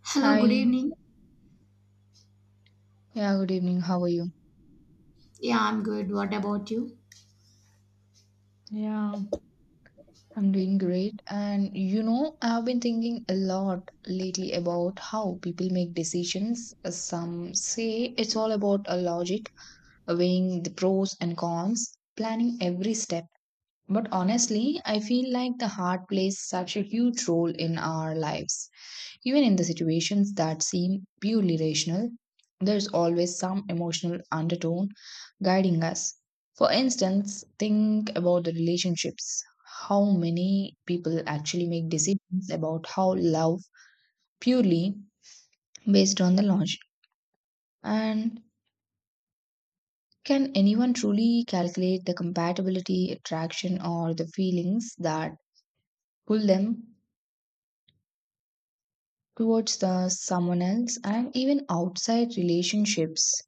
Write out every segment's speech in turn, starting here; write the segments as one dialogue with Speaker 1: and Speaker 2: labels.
Speaker 1: Hello, good
Speaker 2: Hi.
Speaker 1: evening.
Speaker 2: Yeah, good evening. How are you?
Speaker 1: Yeah, I'm good. What about you?
Speaker 2: Yeah, I'm doing great. And you know, I've been thinking a lot lately about how people make decisions. Some say it's all about a logic, weighing the pros and cons, planning every step. But honestly, I feel like the heart plays such a huge role in our lives. Even in the situations that seem purely rational, there is always some emotional undertone guiding us. For instance, think about the relationships. How many people actually make decisions about how love purely based on the logic? And can anyone truly calculate the compatibility, attraction, or the feelings that pull them towards the someone else and even outside relationships.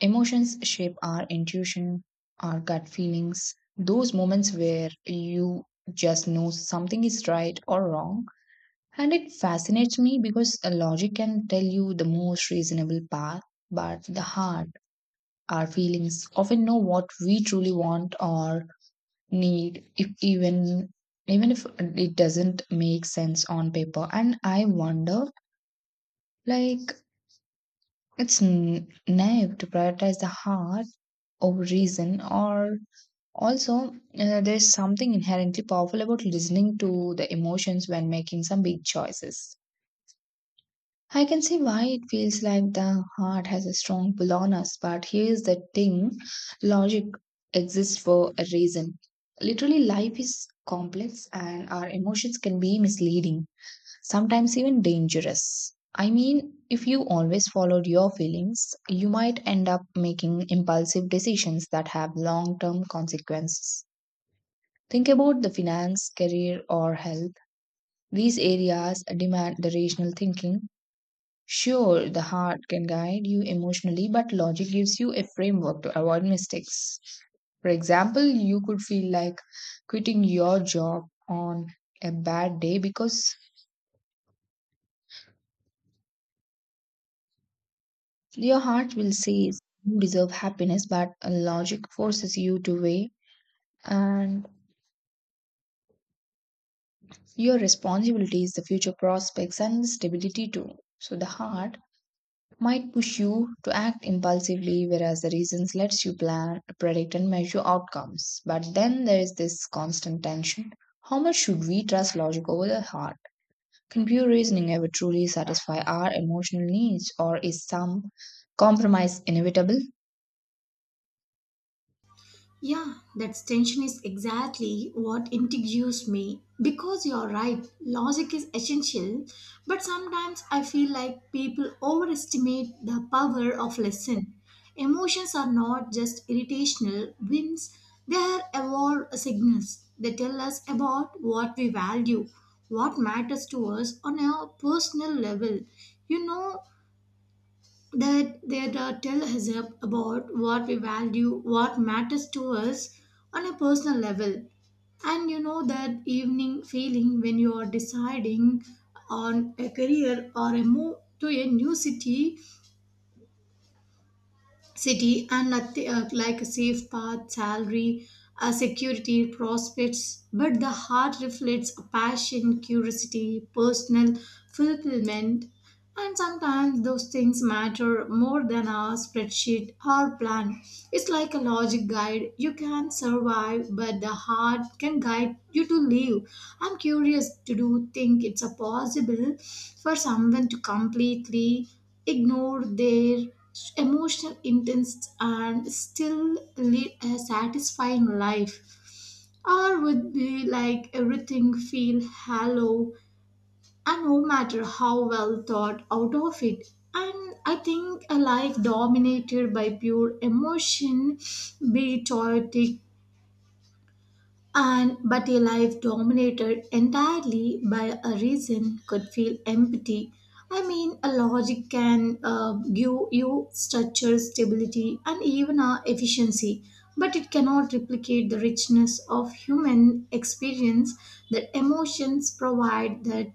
Speaker 2: Emotions shape our intuition, our gut feelings, those moments where you just know something is right or wrong. And it fascinates me because a logic can tell you the most reasonable path, but the heart, our feelings often know what we truly want or need, if even even if it doesn't make sense on paper. And I wonder, like, it's naive to prioritize the heart over reason. Or also, there's something inherently powerful about listening to the emotions when making some big choices. I can see why it feels like the heart has a strong pull on us, but here's the thing, logic exists for a reason. Literally, life is complex and our emotions can be misleading, sometimes even dangerous. I mean, if you always followed your feelings, you might end up making impulsive decisions that have long term consequences. Think about the finance, career, or health. These areas demand the rational thinking. Sure, the heart can guide you emotionally, but logic gives you a framework to avoid mistakes. For example, you could feel like quitting your job on a bad day because your heart will say you deserve happiness, but logic forces you to weigh and your responsibilities, the future prospects, and stability too. So the heart might push you to act impulsively, whereas the reasons lets you plan, predict, and measure outcomes. But then there is this constant tension. How much should we trust logic over the heart? Can pure reasoning ever truly satisfy our emotional needs, or is some compromise inevitable?
Speaker 1: Yeah, that tension is exactly what intrigues me because you're right. Logic is essential, but sometimes I feel like people overestimate the power of lesson. Emotions are not just irritational whims, they are evolved signals. They tell us about what we value, what matters to us on a personal level. You know, that that tell us about what we value, what matters to us on a personal level. And you know that evening feeling when you are deciding on a career or a move to a new city and nothing like a safe path, salary, security, prospects. But the heart reflects a passion, curiosity, personal fulfillment, and sometimes those things matter more than a spreadsheet or plan. It's like a logic guide. You can survive, but the heart can guide you to live. I'm curious to do think it's a possible for someone to completely ignore their emotional intense and still lead a satisfying life, or would be like everything feel hollow, and no matter how well thought out of it. And I think a life dominated by pure emotion be it chaotic, and but a life dominated entirely by a reason could feel empty. I mean, a logic can give you structure, stability, and even efficiency, but it cannot replicate the richness of human experience that emotions provide. That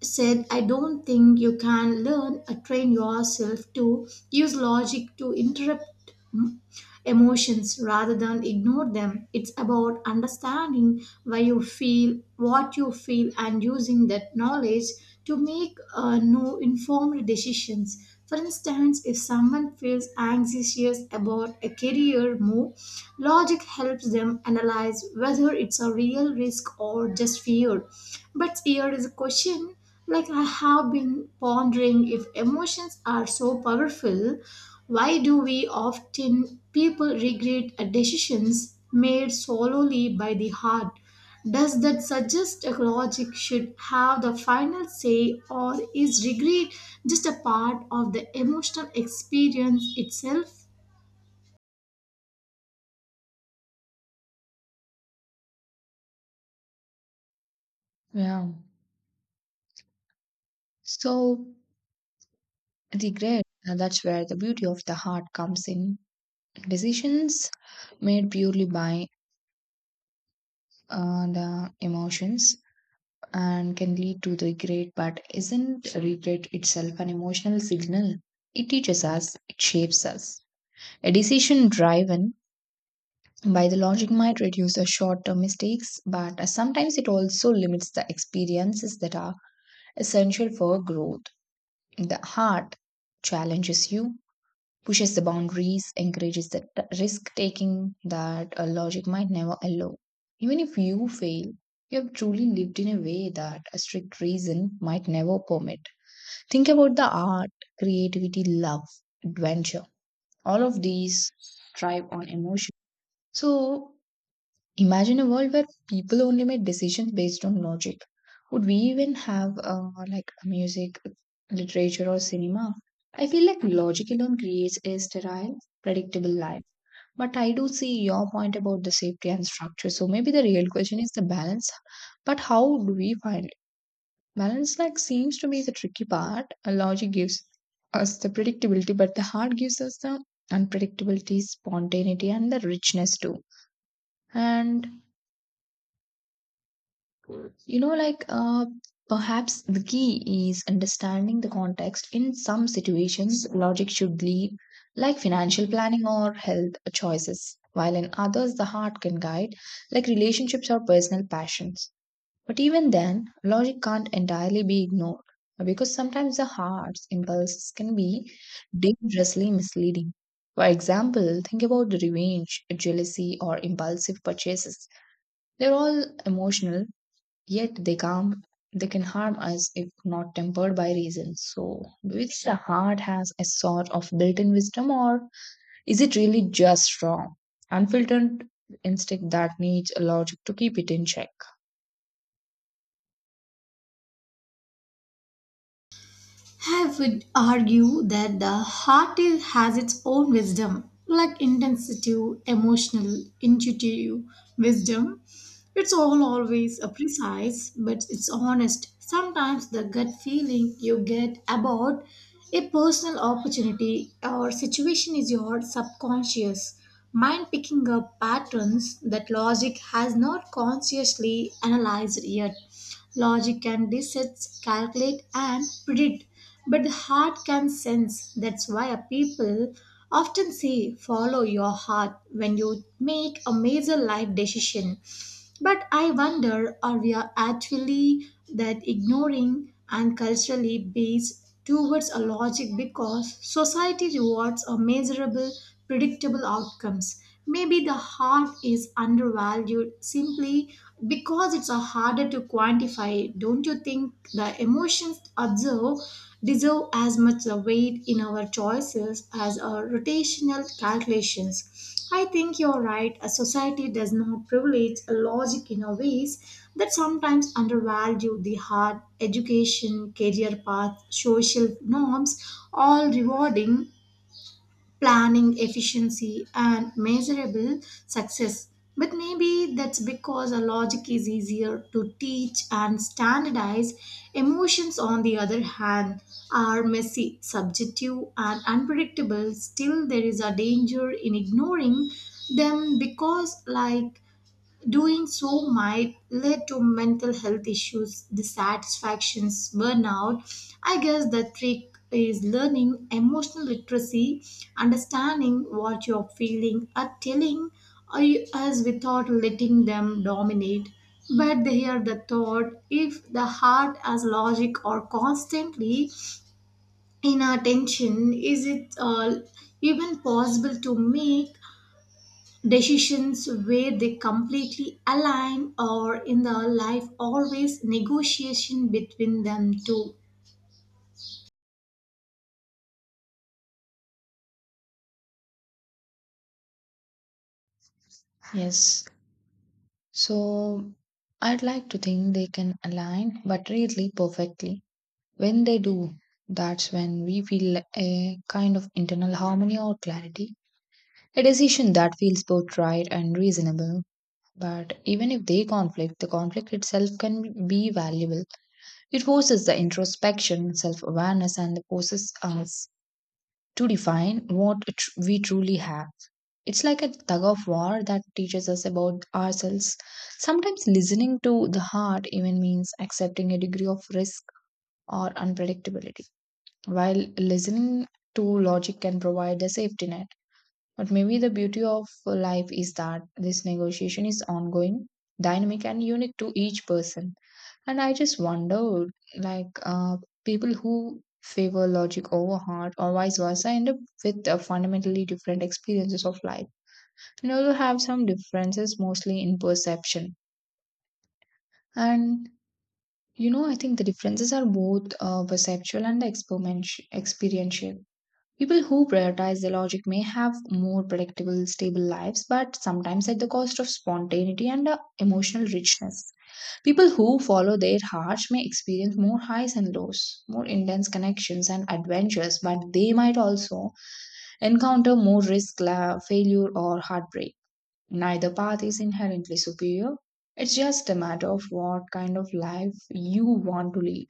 Speaker 1: said, I don't think you can learn or train yourself to use logic to interrupt mm, emotions rather than ignore them. It's about understanding why you feel, what you feel, and using that knowledge to make no informed decisions. For instance, if someone feels anxious about a career move, logic helps them analyze whether it's a real risk or just fear. But here is a question, like, I have been pondering, if emotions are so powerful, why do we often people regret a decisions made solely by the heart? Does that suggest a logic should have the final say, or is regret just a part of the emotional experience itself?
Speaker 2: Yeah. So, regret, that's where the beauty of the heart comes in. Decisions made purely by the emotions and can lead to regret, but isn't regret itself an emotional signal? It teaches us, it shapes us. A decision driven by the logic might reduce the short term mistakes, but sometimes it also limits the experiences that are essential for growth. The heart challenges you, pushes the boundaries, encourages the risk taking that a logic might never allow. Even if you fail, you have truly lived in a way that a strict reason might never permit. Think about the art, creativity, love, adventure. All of these thrive on emotion. So, imagine a world where people only made decisions based on logic. Would we even have like music, literature, or cinema? I feel like logic alone creates a sterile, predictable life. But I do see your point about the safety and structure. So maybe the real question is the balance. But how do we find it? Balance like seems to be the tricky part. Logic gives us the predictability, but the heart gives us the unpredictability, spontaneity, and the richness too. And you know, like perhaps the key is understanding the context. In some situations, logic should lead, like financial planning or health choices, while in others, the heart can guide, like relationships or personal passions. But even then, logic can't entirely be ignored because sometimes the heart's impulses can be dangerously misleading. For example, think about revenge, jealousy, or impulsive purchases. They're all emotional. Yet they come, they can harm us if not tempered by reason. So do you think the heart has a sort of built-in wisdom or is it really just strong, unfiltered instinct that needs a logic to keep it in check?
Speaker 1: I would argue that the heart is, has its own wisdom, like intensive, emotional, intuitive wisdom. It's all always a precise, but it's honest. Sometimes the gut feeling you get about a personal opportunity or situation is your subconscious mind picking up patterns that logic has not consciously analyzed yet. Logic can dissect, calculate, and predict, but the heart can sense. That's why people often say, follow your heart when you make a major life decision. But I wonder, are we are actually that ignoring and culturally based towards a logic because society rewards a measurable, predictable outcomes. Maybe the heart is undervalued simply because it's a harder to quantify. Don't you think the emotions observed deserve as much a weight in our choices as our rotational calculations? I think you're right. A society does not privilege a logic in a ways that sometimes undervalue the hard education, career path, social norms, all rewarding planning efficiency and measurable success. But maybe that's because a logic is easier to teach and standardize. Emotions, on the other hand, are messy, subjective, and unpredictable. Still, there is a danger in ignoring them because, like, doing so might lead to mental health issues, dissatisfactions, burnout. I guess the trick is learning emotional literacy, understanding what you're feeling, or telling us without letting them dominate. But here the thought, if the heart has logic or constantly in our tension, is it even possible to make decisions where they completely align, or in the life always negotiation between them two?
Speaker 2: Yes. So I'd like to think they can align but really perfectly. When they do, that's when we feel a kind of internal harmony or clarity. A decision that feels both right and reasonable. But even if they conflict, the conflict itself can be valuable. It forces the introspection, self awareness, and forces us to define what we truly have. It's like a tug of war that teaches us about ourselves. Sometimes listening to the heart even means accepting a degree of risk or unpredictability, while listening to logic can provide a safety net. But maybe the beauty of life is that this negotiation is ongoing, dynamic, and unique to each person. And I just wonder, like, people who favor logic over heart or vice versa end up with fundamentally different experiences of life and also have some differences mostly in perception. And you know, I think the differences are both perceptual and experiential. People who prioritize their logic may have more predictable, stable lives, but sometimes at the cost of spontaneity and emotional richness. People who follow their hearts may experience more highs and lows, more intense connections and adventures, but they might also encounter more risk, failure, or heartbreak. Neither path is inherently superior. It's just a matter of what kind of life you want to lead.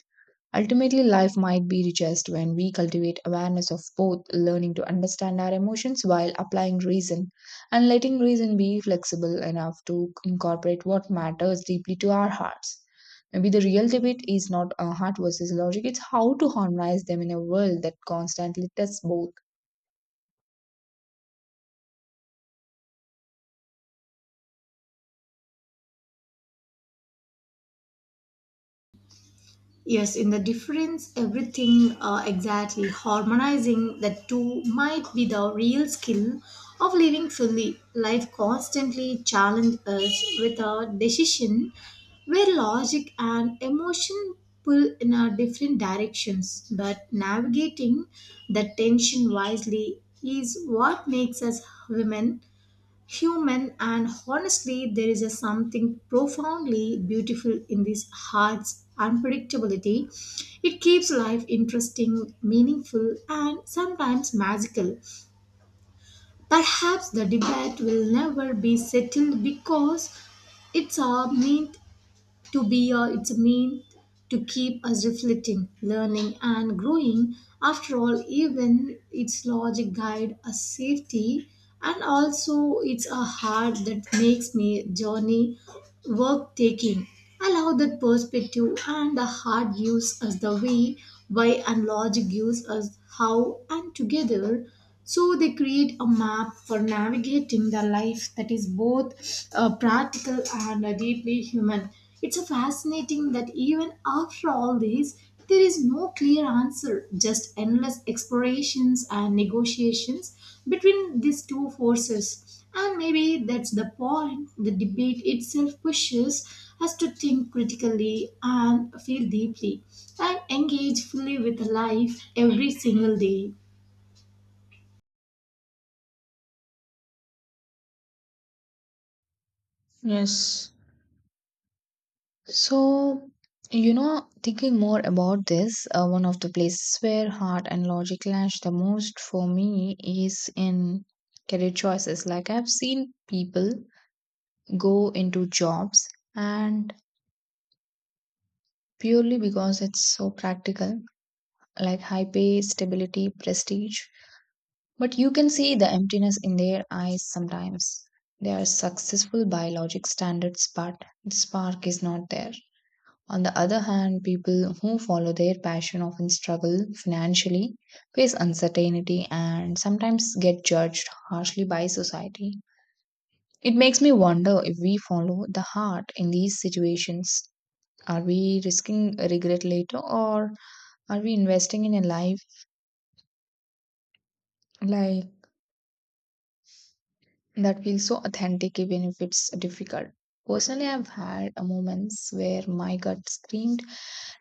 Speaker 2: Ultimately, life might be richest when we cultivate awareness of both, learning to understand our emotions while applying reason, and letting reason be flexible enough to incorporate what matters deeply to our hearts. Maybe the real debate is not heart versus logic, it's how to harmonize them in a world that constantly tests both.
Speaker 1: Yes, in the difference, everything, exactly, harmonizing the two might be the real skill of living fully. Life constantly challenges us with a decision where logic and emotion pull in our different directions. But navigating the tension wisely is what makes us women human, and honestly there is a something profoundly beautiful in this heart's unpredictability. It keeps life interesting, meaningful, and sometimes magical. Perhaps the debate will never be settled because it's a meat to be here, it's a mean to keep us reflecting, learning, and growing. After all, even its logic guide a safety, and also it's a heart that makes me journey work taking. Allow that perspective, and the heart gives us the way, why, and logic gives us how, and together. So they create a map for navigating the life that is both practical and deeply human. It's a fascinating that even after all this, there is no clear answer, just endless explorations and negotiations between these two forces, and maybe that's the point. The debate itself pushes us to think critically and feel deeply and engage fully with life every single day.
Speaker 2: Yes. So, you know, thinking more about this, one of the places where heart and logic clash the most for me is in career choices. Like, I've seen people go into jobs and purely because it's so practical, like high pay, stability, prestige. But you can see the emptiness in their eyes sometimes. They are successful by logic standards, but the spark is not there. On the other hand, people who follow their passion often struggle financially, face uncertainty, and sometimes get judged harshly by society. It makes me wonder if we follow the heart in these situations. Are we risking regret later, or are we investing in a life like that feels so authentic even if it's difficult? Personally, I've had moments where my gut screamed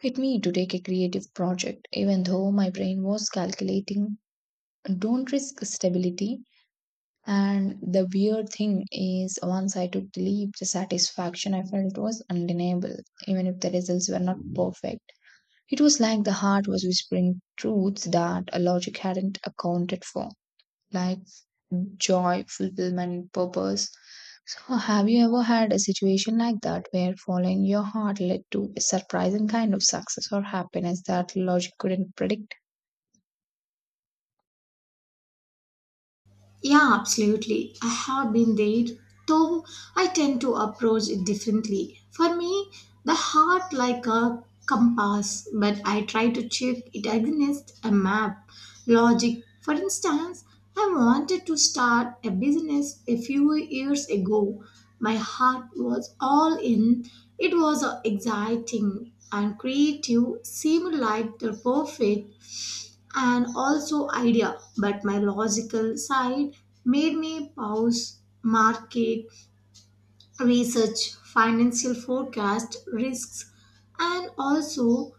Speaker 2: at me to take a creative project, even though my brain was calculating, don't risk stability. And the weird thing is, once I took the leap, the satisfaction I felt was undeniable, even if the results were not perfect. It was like the heart was whispering truths that a logic hadn't accounted for, like joy, fulfillment, purpose. So, have you ever had a situation like that where following your heart led to a surprising kind of success or happiness that logic couldn't predict?
Speaker 1: Yeah, absolutely. I have been there, though I tend to approach it differently. For me, the heart like a compass, but I try to check it against a map. Logic. For instance, I wanted to start a business a few years ago. My heart was all in. It was exciting and creative, seemed like the perfect and also idea, but my logical side made me pause, market research, financial forecast, risks, and also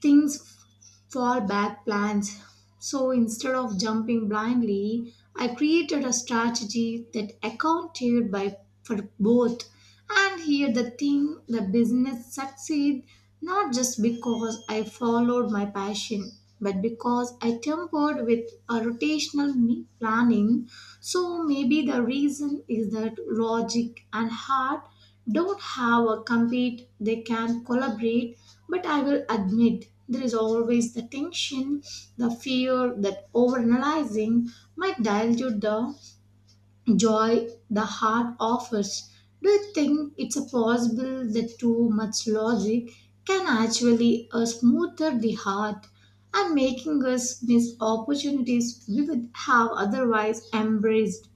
Speaker 1: fall back plans. So instead of jumping blindly, I created a strategy that accounted by for both. And here the thing, the business succeed not just because I followed my passion, but because I tempered with a rotational me planning. So maybe the reason is that logic and heart don't have a compete, they can collaborate, but I will admit there is always the tension, the fear that overanalyzing might dilute the joy the heart offers. Do you think it's a possible that too much logic can actually smoother the heart and making us miss opportunities we would have otherwise embraced?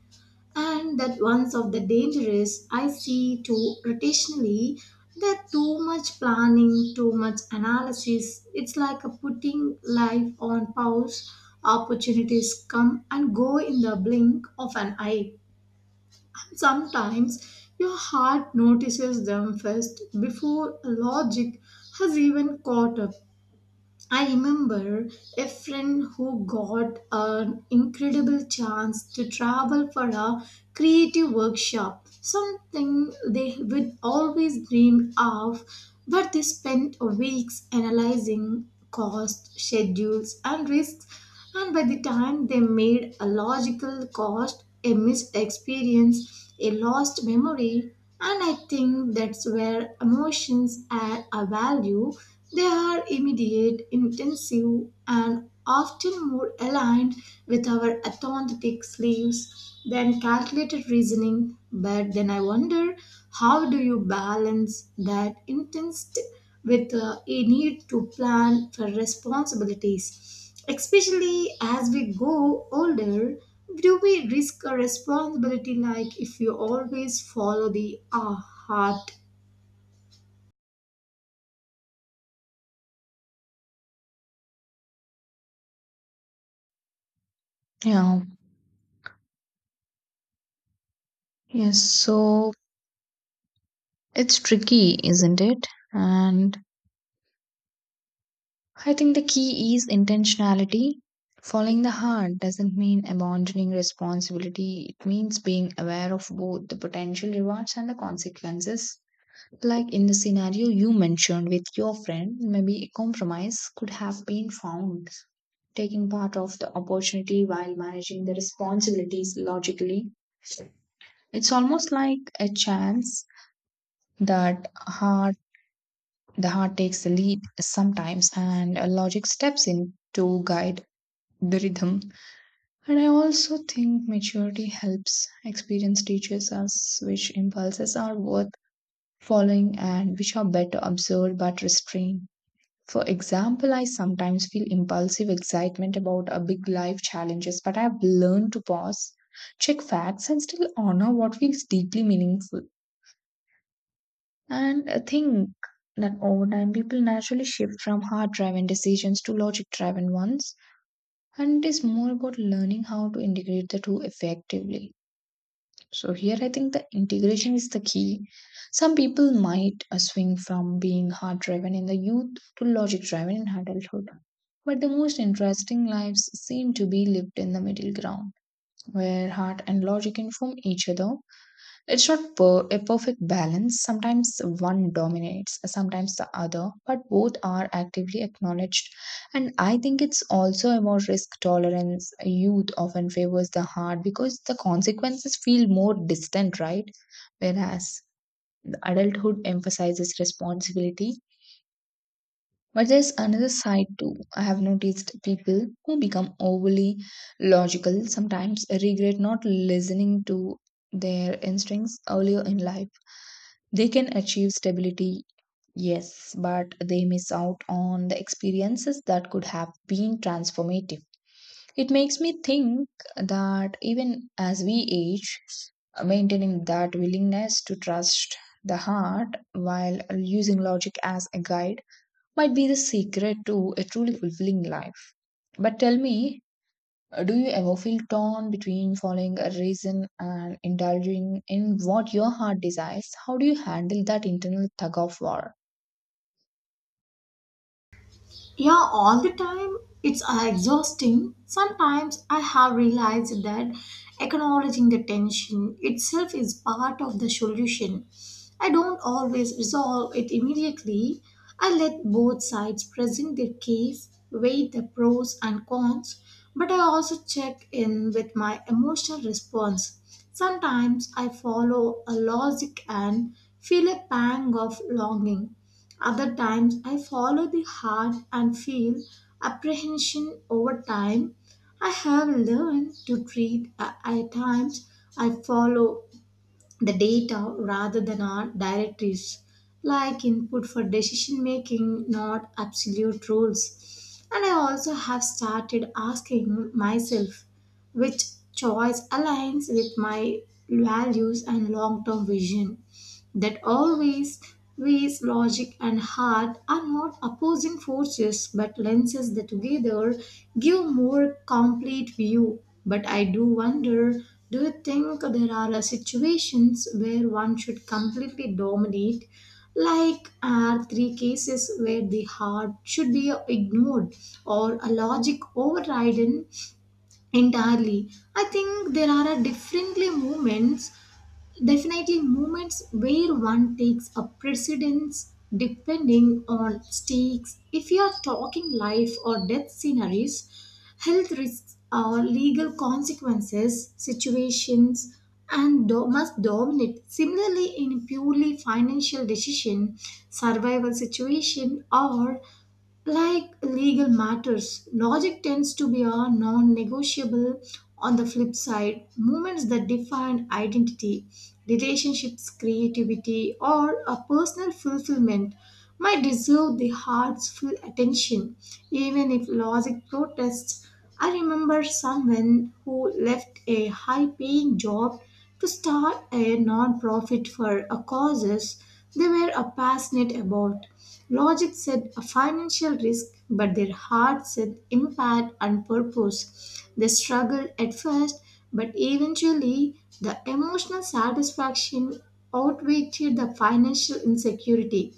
Speaker 1: And that one of the dangers I see too rotationally that too much planning, too much analysis. It's like a putting life on pause. Opportunities come and go in the blink of an eye. Sometimes your heart notices them first before logic has even caught up. I remember a friend who got an incredible chance to travel for a creative workshop, something they would always dream of, but they spent weeks analyzing cost, schedules, and risks, and by the time they made a logical cost, a missed experience, a lost memory. And I think that's where emotions add a value. They are immediate, intensive, and often more aligned with our authentic sleeves than calculated reasoning. But then I wonder, how do you balance that intensity with a need to plan for responsibilities? Especially as we go older, do we risk a responsibility like if you always follow the heart?
Speaker 2: Yeah, yes. So it's tricky, isn't it? And I think the key is intentionality. Following the heart doesn't mean abandoning responsibility, it means being aware of both the potential rewards and the consequences. Like in the scenario you mentioned with your friend, maybe a compromise could have been found taking part of the opportunity while managing the responsibilities logically. It's almost like a chance that heart the heart takes the lead sometimes and logic steps in to guide the rhythm. And I also think maturity helps. Experience teaches us which impulses are worth following and which are better observed but restrained. For example, I sometimes feel impulsive excitement about a big life challenges, but I've learned to pause, check facts, and still honor what feels deeply meaningful. And I think that over time, people naturally shift from heart driven decisions to logic driven ones, and it is more about learning how to integrate the two effectively. So here I think the integration is the key. Some people might swing from being heart driven in the youth to logic driven in adulthood. But the most interesting lives seem to be lived in the middle ground, where heart and logic inform each other. It's not a perfect balance. Sometimes one dominates, sometimes the other, but both are actively acknowledged. And I think it's also about risk tolerance. Youth often favors the hard because the consequences feel more distant, right? Whereas the adulthood emphasizes responsibility. But there's another side too. I have noticed people who become overly logical sometimes regret not listening to their instincts earlier in life. They can achieve stability, yes, but they miss out on the experiences that could have been transformative. It makes me think that even as we age, maintaining that willingness to trust the heart while using logic as a guide might be the secret to a truly fulfilling life. But tell me, do you ever feel torn between following a reason and indulging in what your heart desires? How do you handle that internal tug of war?
Speaker 1: Yeah, all the time. It's exhausting. Sometimes I have realized that acknowledging the tension itself is part of the solution. I don't always resolve it immediately. I let both sides present their case, weigh the pros and cons, but I also check in with my emotional response. Sometimes I follow a logic and feel a pang of longing, other times I follow the heart and feel apprehension over time. I have learned to treat at times I follow the data rather than our directives, like input for decision making, not absolute rules. And I also have started asking myself which choice aligns with my values and long term vision that always ways logic and heart are not opposing forces but lenses that together give more complete view. But I do wonder, do you think there are situations where one should completely dominate, like are three cases where the heart should be ignored or a logic overridden entirely? I think there are a differently moments. Definitely, moments where one takes a precedence depending on stakes. If you are talking life or death scenarios, health risks or legal consequences, situations, and must dominate. Similarly, in purely financial decision, survival situation, or like legal matters, logic tends to be a non negotiable. On the flip side, moments that define identity, relationships, creativity, or a personal fulfillment might deserve the heart's full attention, even if logic protests. I remember someone who left a high paying job to start a non profit for a causes they were a passionate about. Logic said a financial risk, but their heart said impact and purpose. They struggled at first, but eventually the emotional satisfaction outweighed the financial insecurity.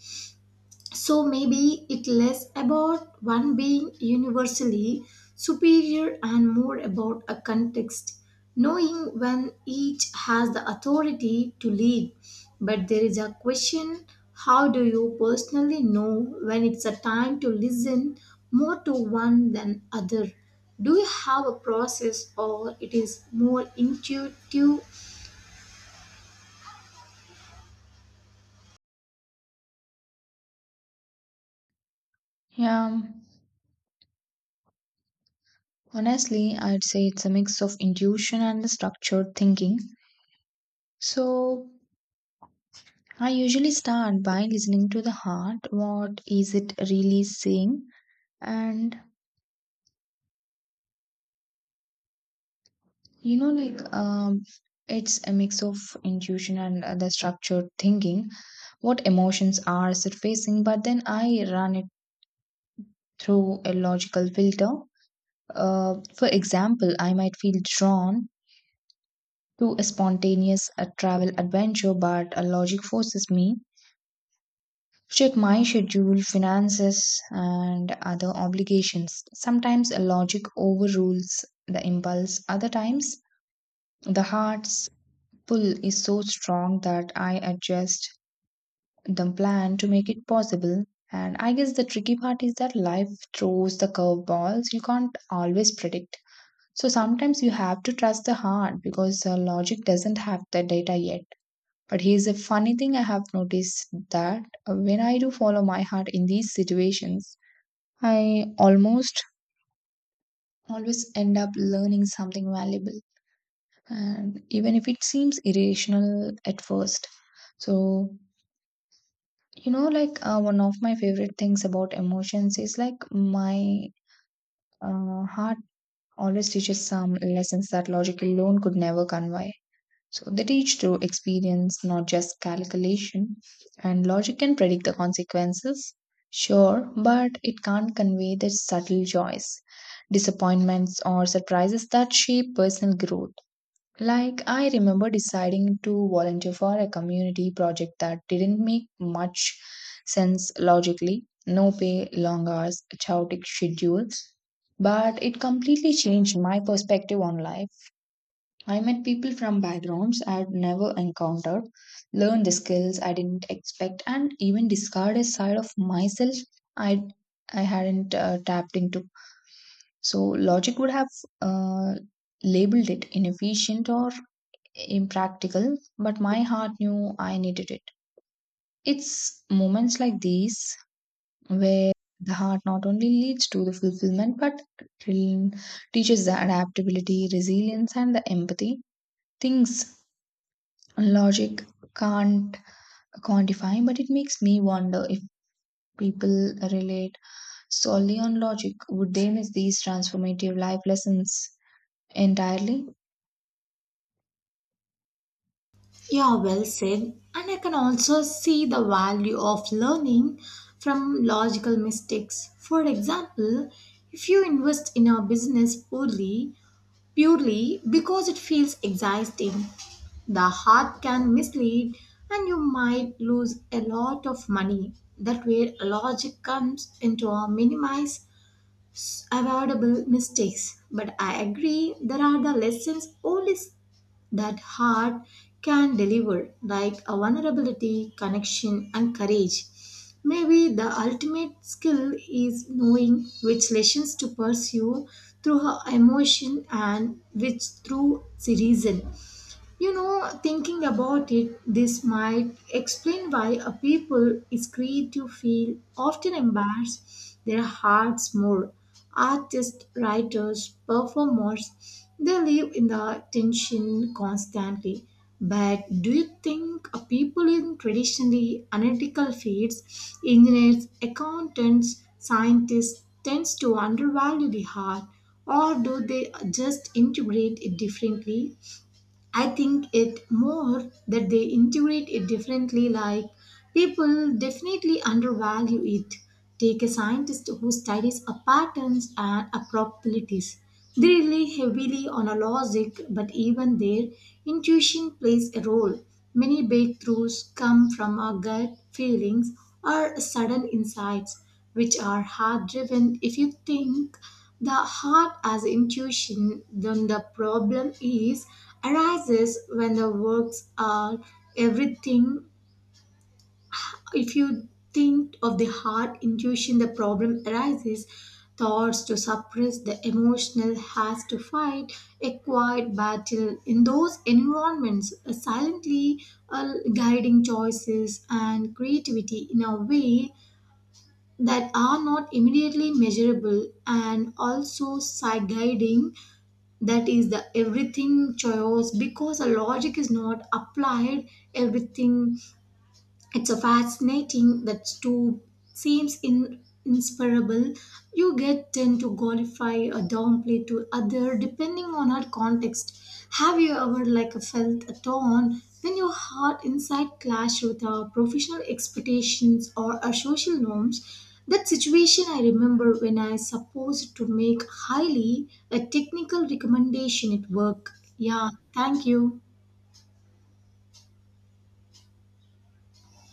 Speaker 1: So maybe it less about one being universally superior and more about a context, knowing when each has the authority to lead. But there is a question, how do you personally know when it's a time to listen more to one than other? Do you have a process, or it is more intuitive?
Speaker 2: Yeah, honestly, I'd say it's a mix of intuition and the structured thinking. So, I usually start by listening to the heart. What is it really saying? And you know, like, it's a mix of intuition and the structured thinking what emotions are surfacing, but then I run it through a logical filter. For example, I might feel drawn to a spontaneous travel adventure, but a logic forces me to check my schedule, finances, and other obligations. Sometimes a logic overrules the impulse, other times, the heart's pull is so strong that I adjust the plan to make it possible. And I guess the tricky part is that life throws the curveballs you can't always predict. So sometimes you have to trust the heart because logic doesn't have the data yet. But here's a funny thing I have noticed, that when I do follow my heart in these situations, I almost always end up learning something valuable. And even if it seems irrational at first. So, you know, like one of my favorite things about emotions is like my heart always teaches some lessons that logic alone could never convey. So they teach through experience, not just calculation. And logic can predict the consequences, sure, but it can't convey the subtle joys, disappointments, or surprises that shape personal growth. Like, I remember deciding to volunteer for a community project that didn't make much sense logically. No pay, long hours, chaotic schedules. But it completely changed my perspective on life. I met people from backgrounds I'd never encountered, learned the skills I didn't expect, and even discovered a side of myself I I hadn't tapped into. So logic would have uh, labeled it inefficient or impractical, but my heart knew I needed it. It's moments like these where the heart not only leads to the fulfillment but train- teaches the adaptability, resilience, and the empathy. Things logic can't quantify, but it makes me wonder if people relate solely on logic, would they miss these transformative life lessons entirely?
Speaker 1: Yeah, well said. And I can also see the value of learning from logical mistakes. For example, if you invest in a business poorly, purely because it feels exhausting, the heart can mislead and you might lose a lot of money. That way, logic comes into a minimize it's avoidable mistakes, but I agree there are the lessons only that heart can deliver, like a vulnerability, connection, and courage. Maybe the ultimate skill is knowing which lessons to pursue through her emotion and which through the reason. You know, thinking about it, this might explain why a people is creative feel often embarrass their hearts more. Artists, writers, performers, they live in the tension constantly. But do you think a people in traditionally analytical fields, engineers, accountants, scientists, tends to undervalue the heart, or do they just integrate it differently? I think it more that they integrate it differently, like people definitely undervalue it. Take a scientist who studies a patterns and a probabilities. They rely heavily on a logic, but even their intuition plays a role. Many breakthroughs come from our gut feelings or sudden insights which are heart driven. If you think the heart as intuition, then the problem is arises when the works are everything. If you think of the heart intuition, the problem arises. Thoughts to suppress the emotional has to fight a quiet battle in those environments, silently guiding choices and creativity in a way that are not immediately measurable and also side guiding that is the everything choice because the logic is not applied everything. It's a fascinating that two seems inseparable. You get tend to glorify or downplay to other depending on our context. Have you ever like felt a torn when your heart inside clash with our professional expectations or our social norms? That situation I remember when I supposed to make highly a technical recommendation at work. Yeah, thank you.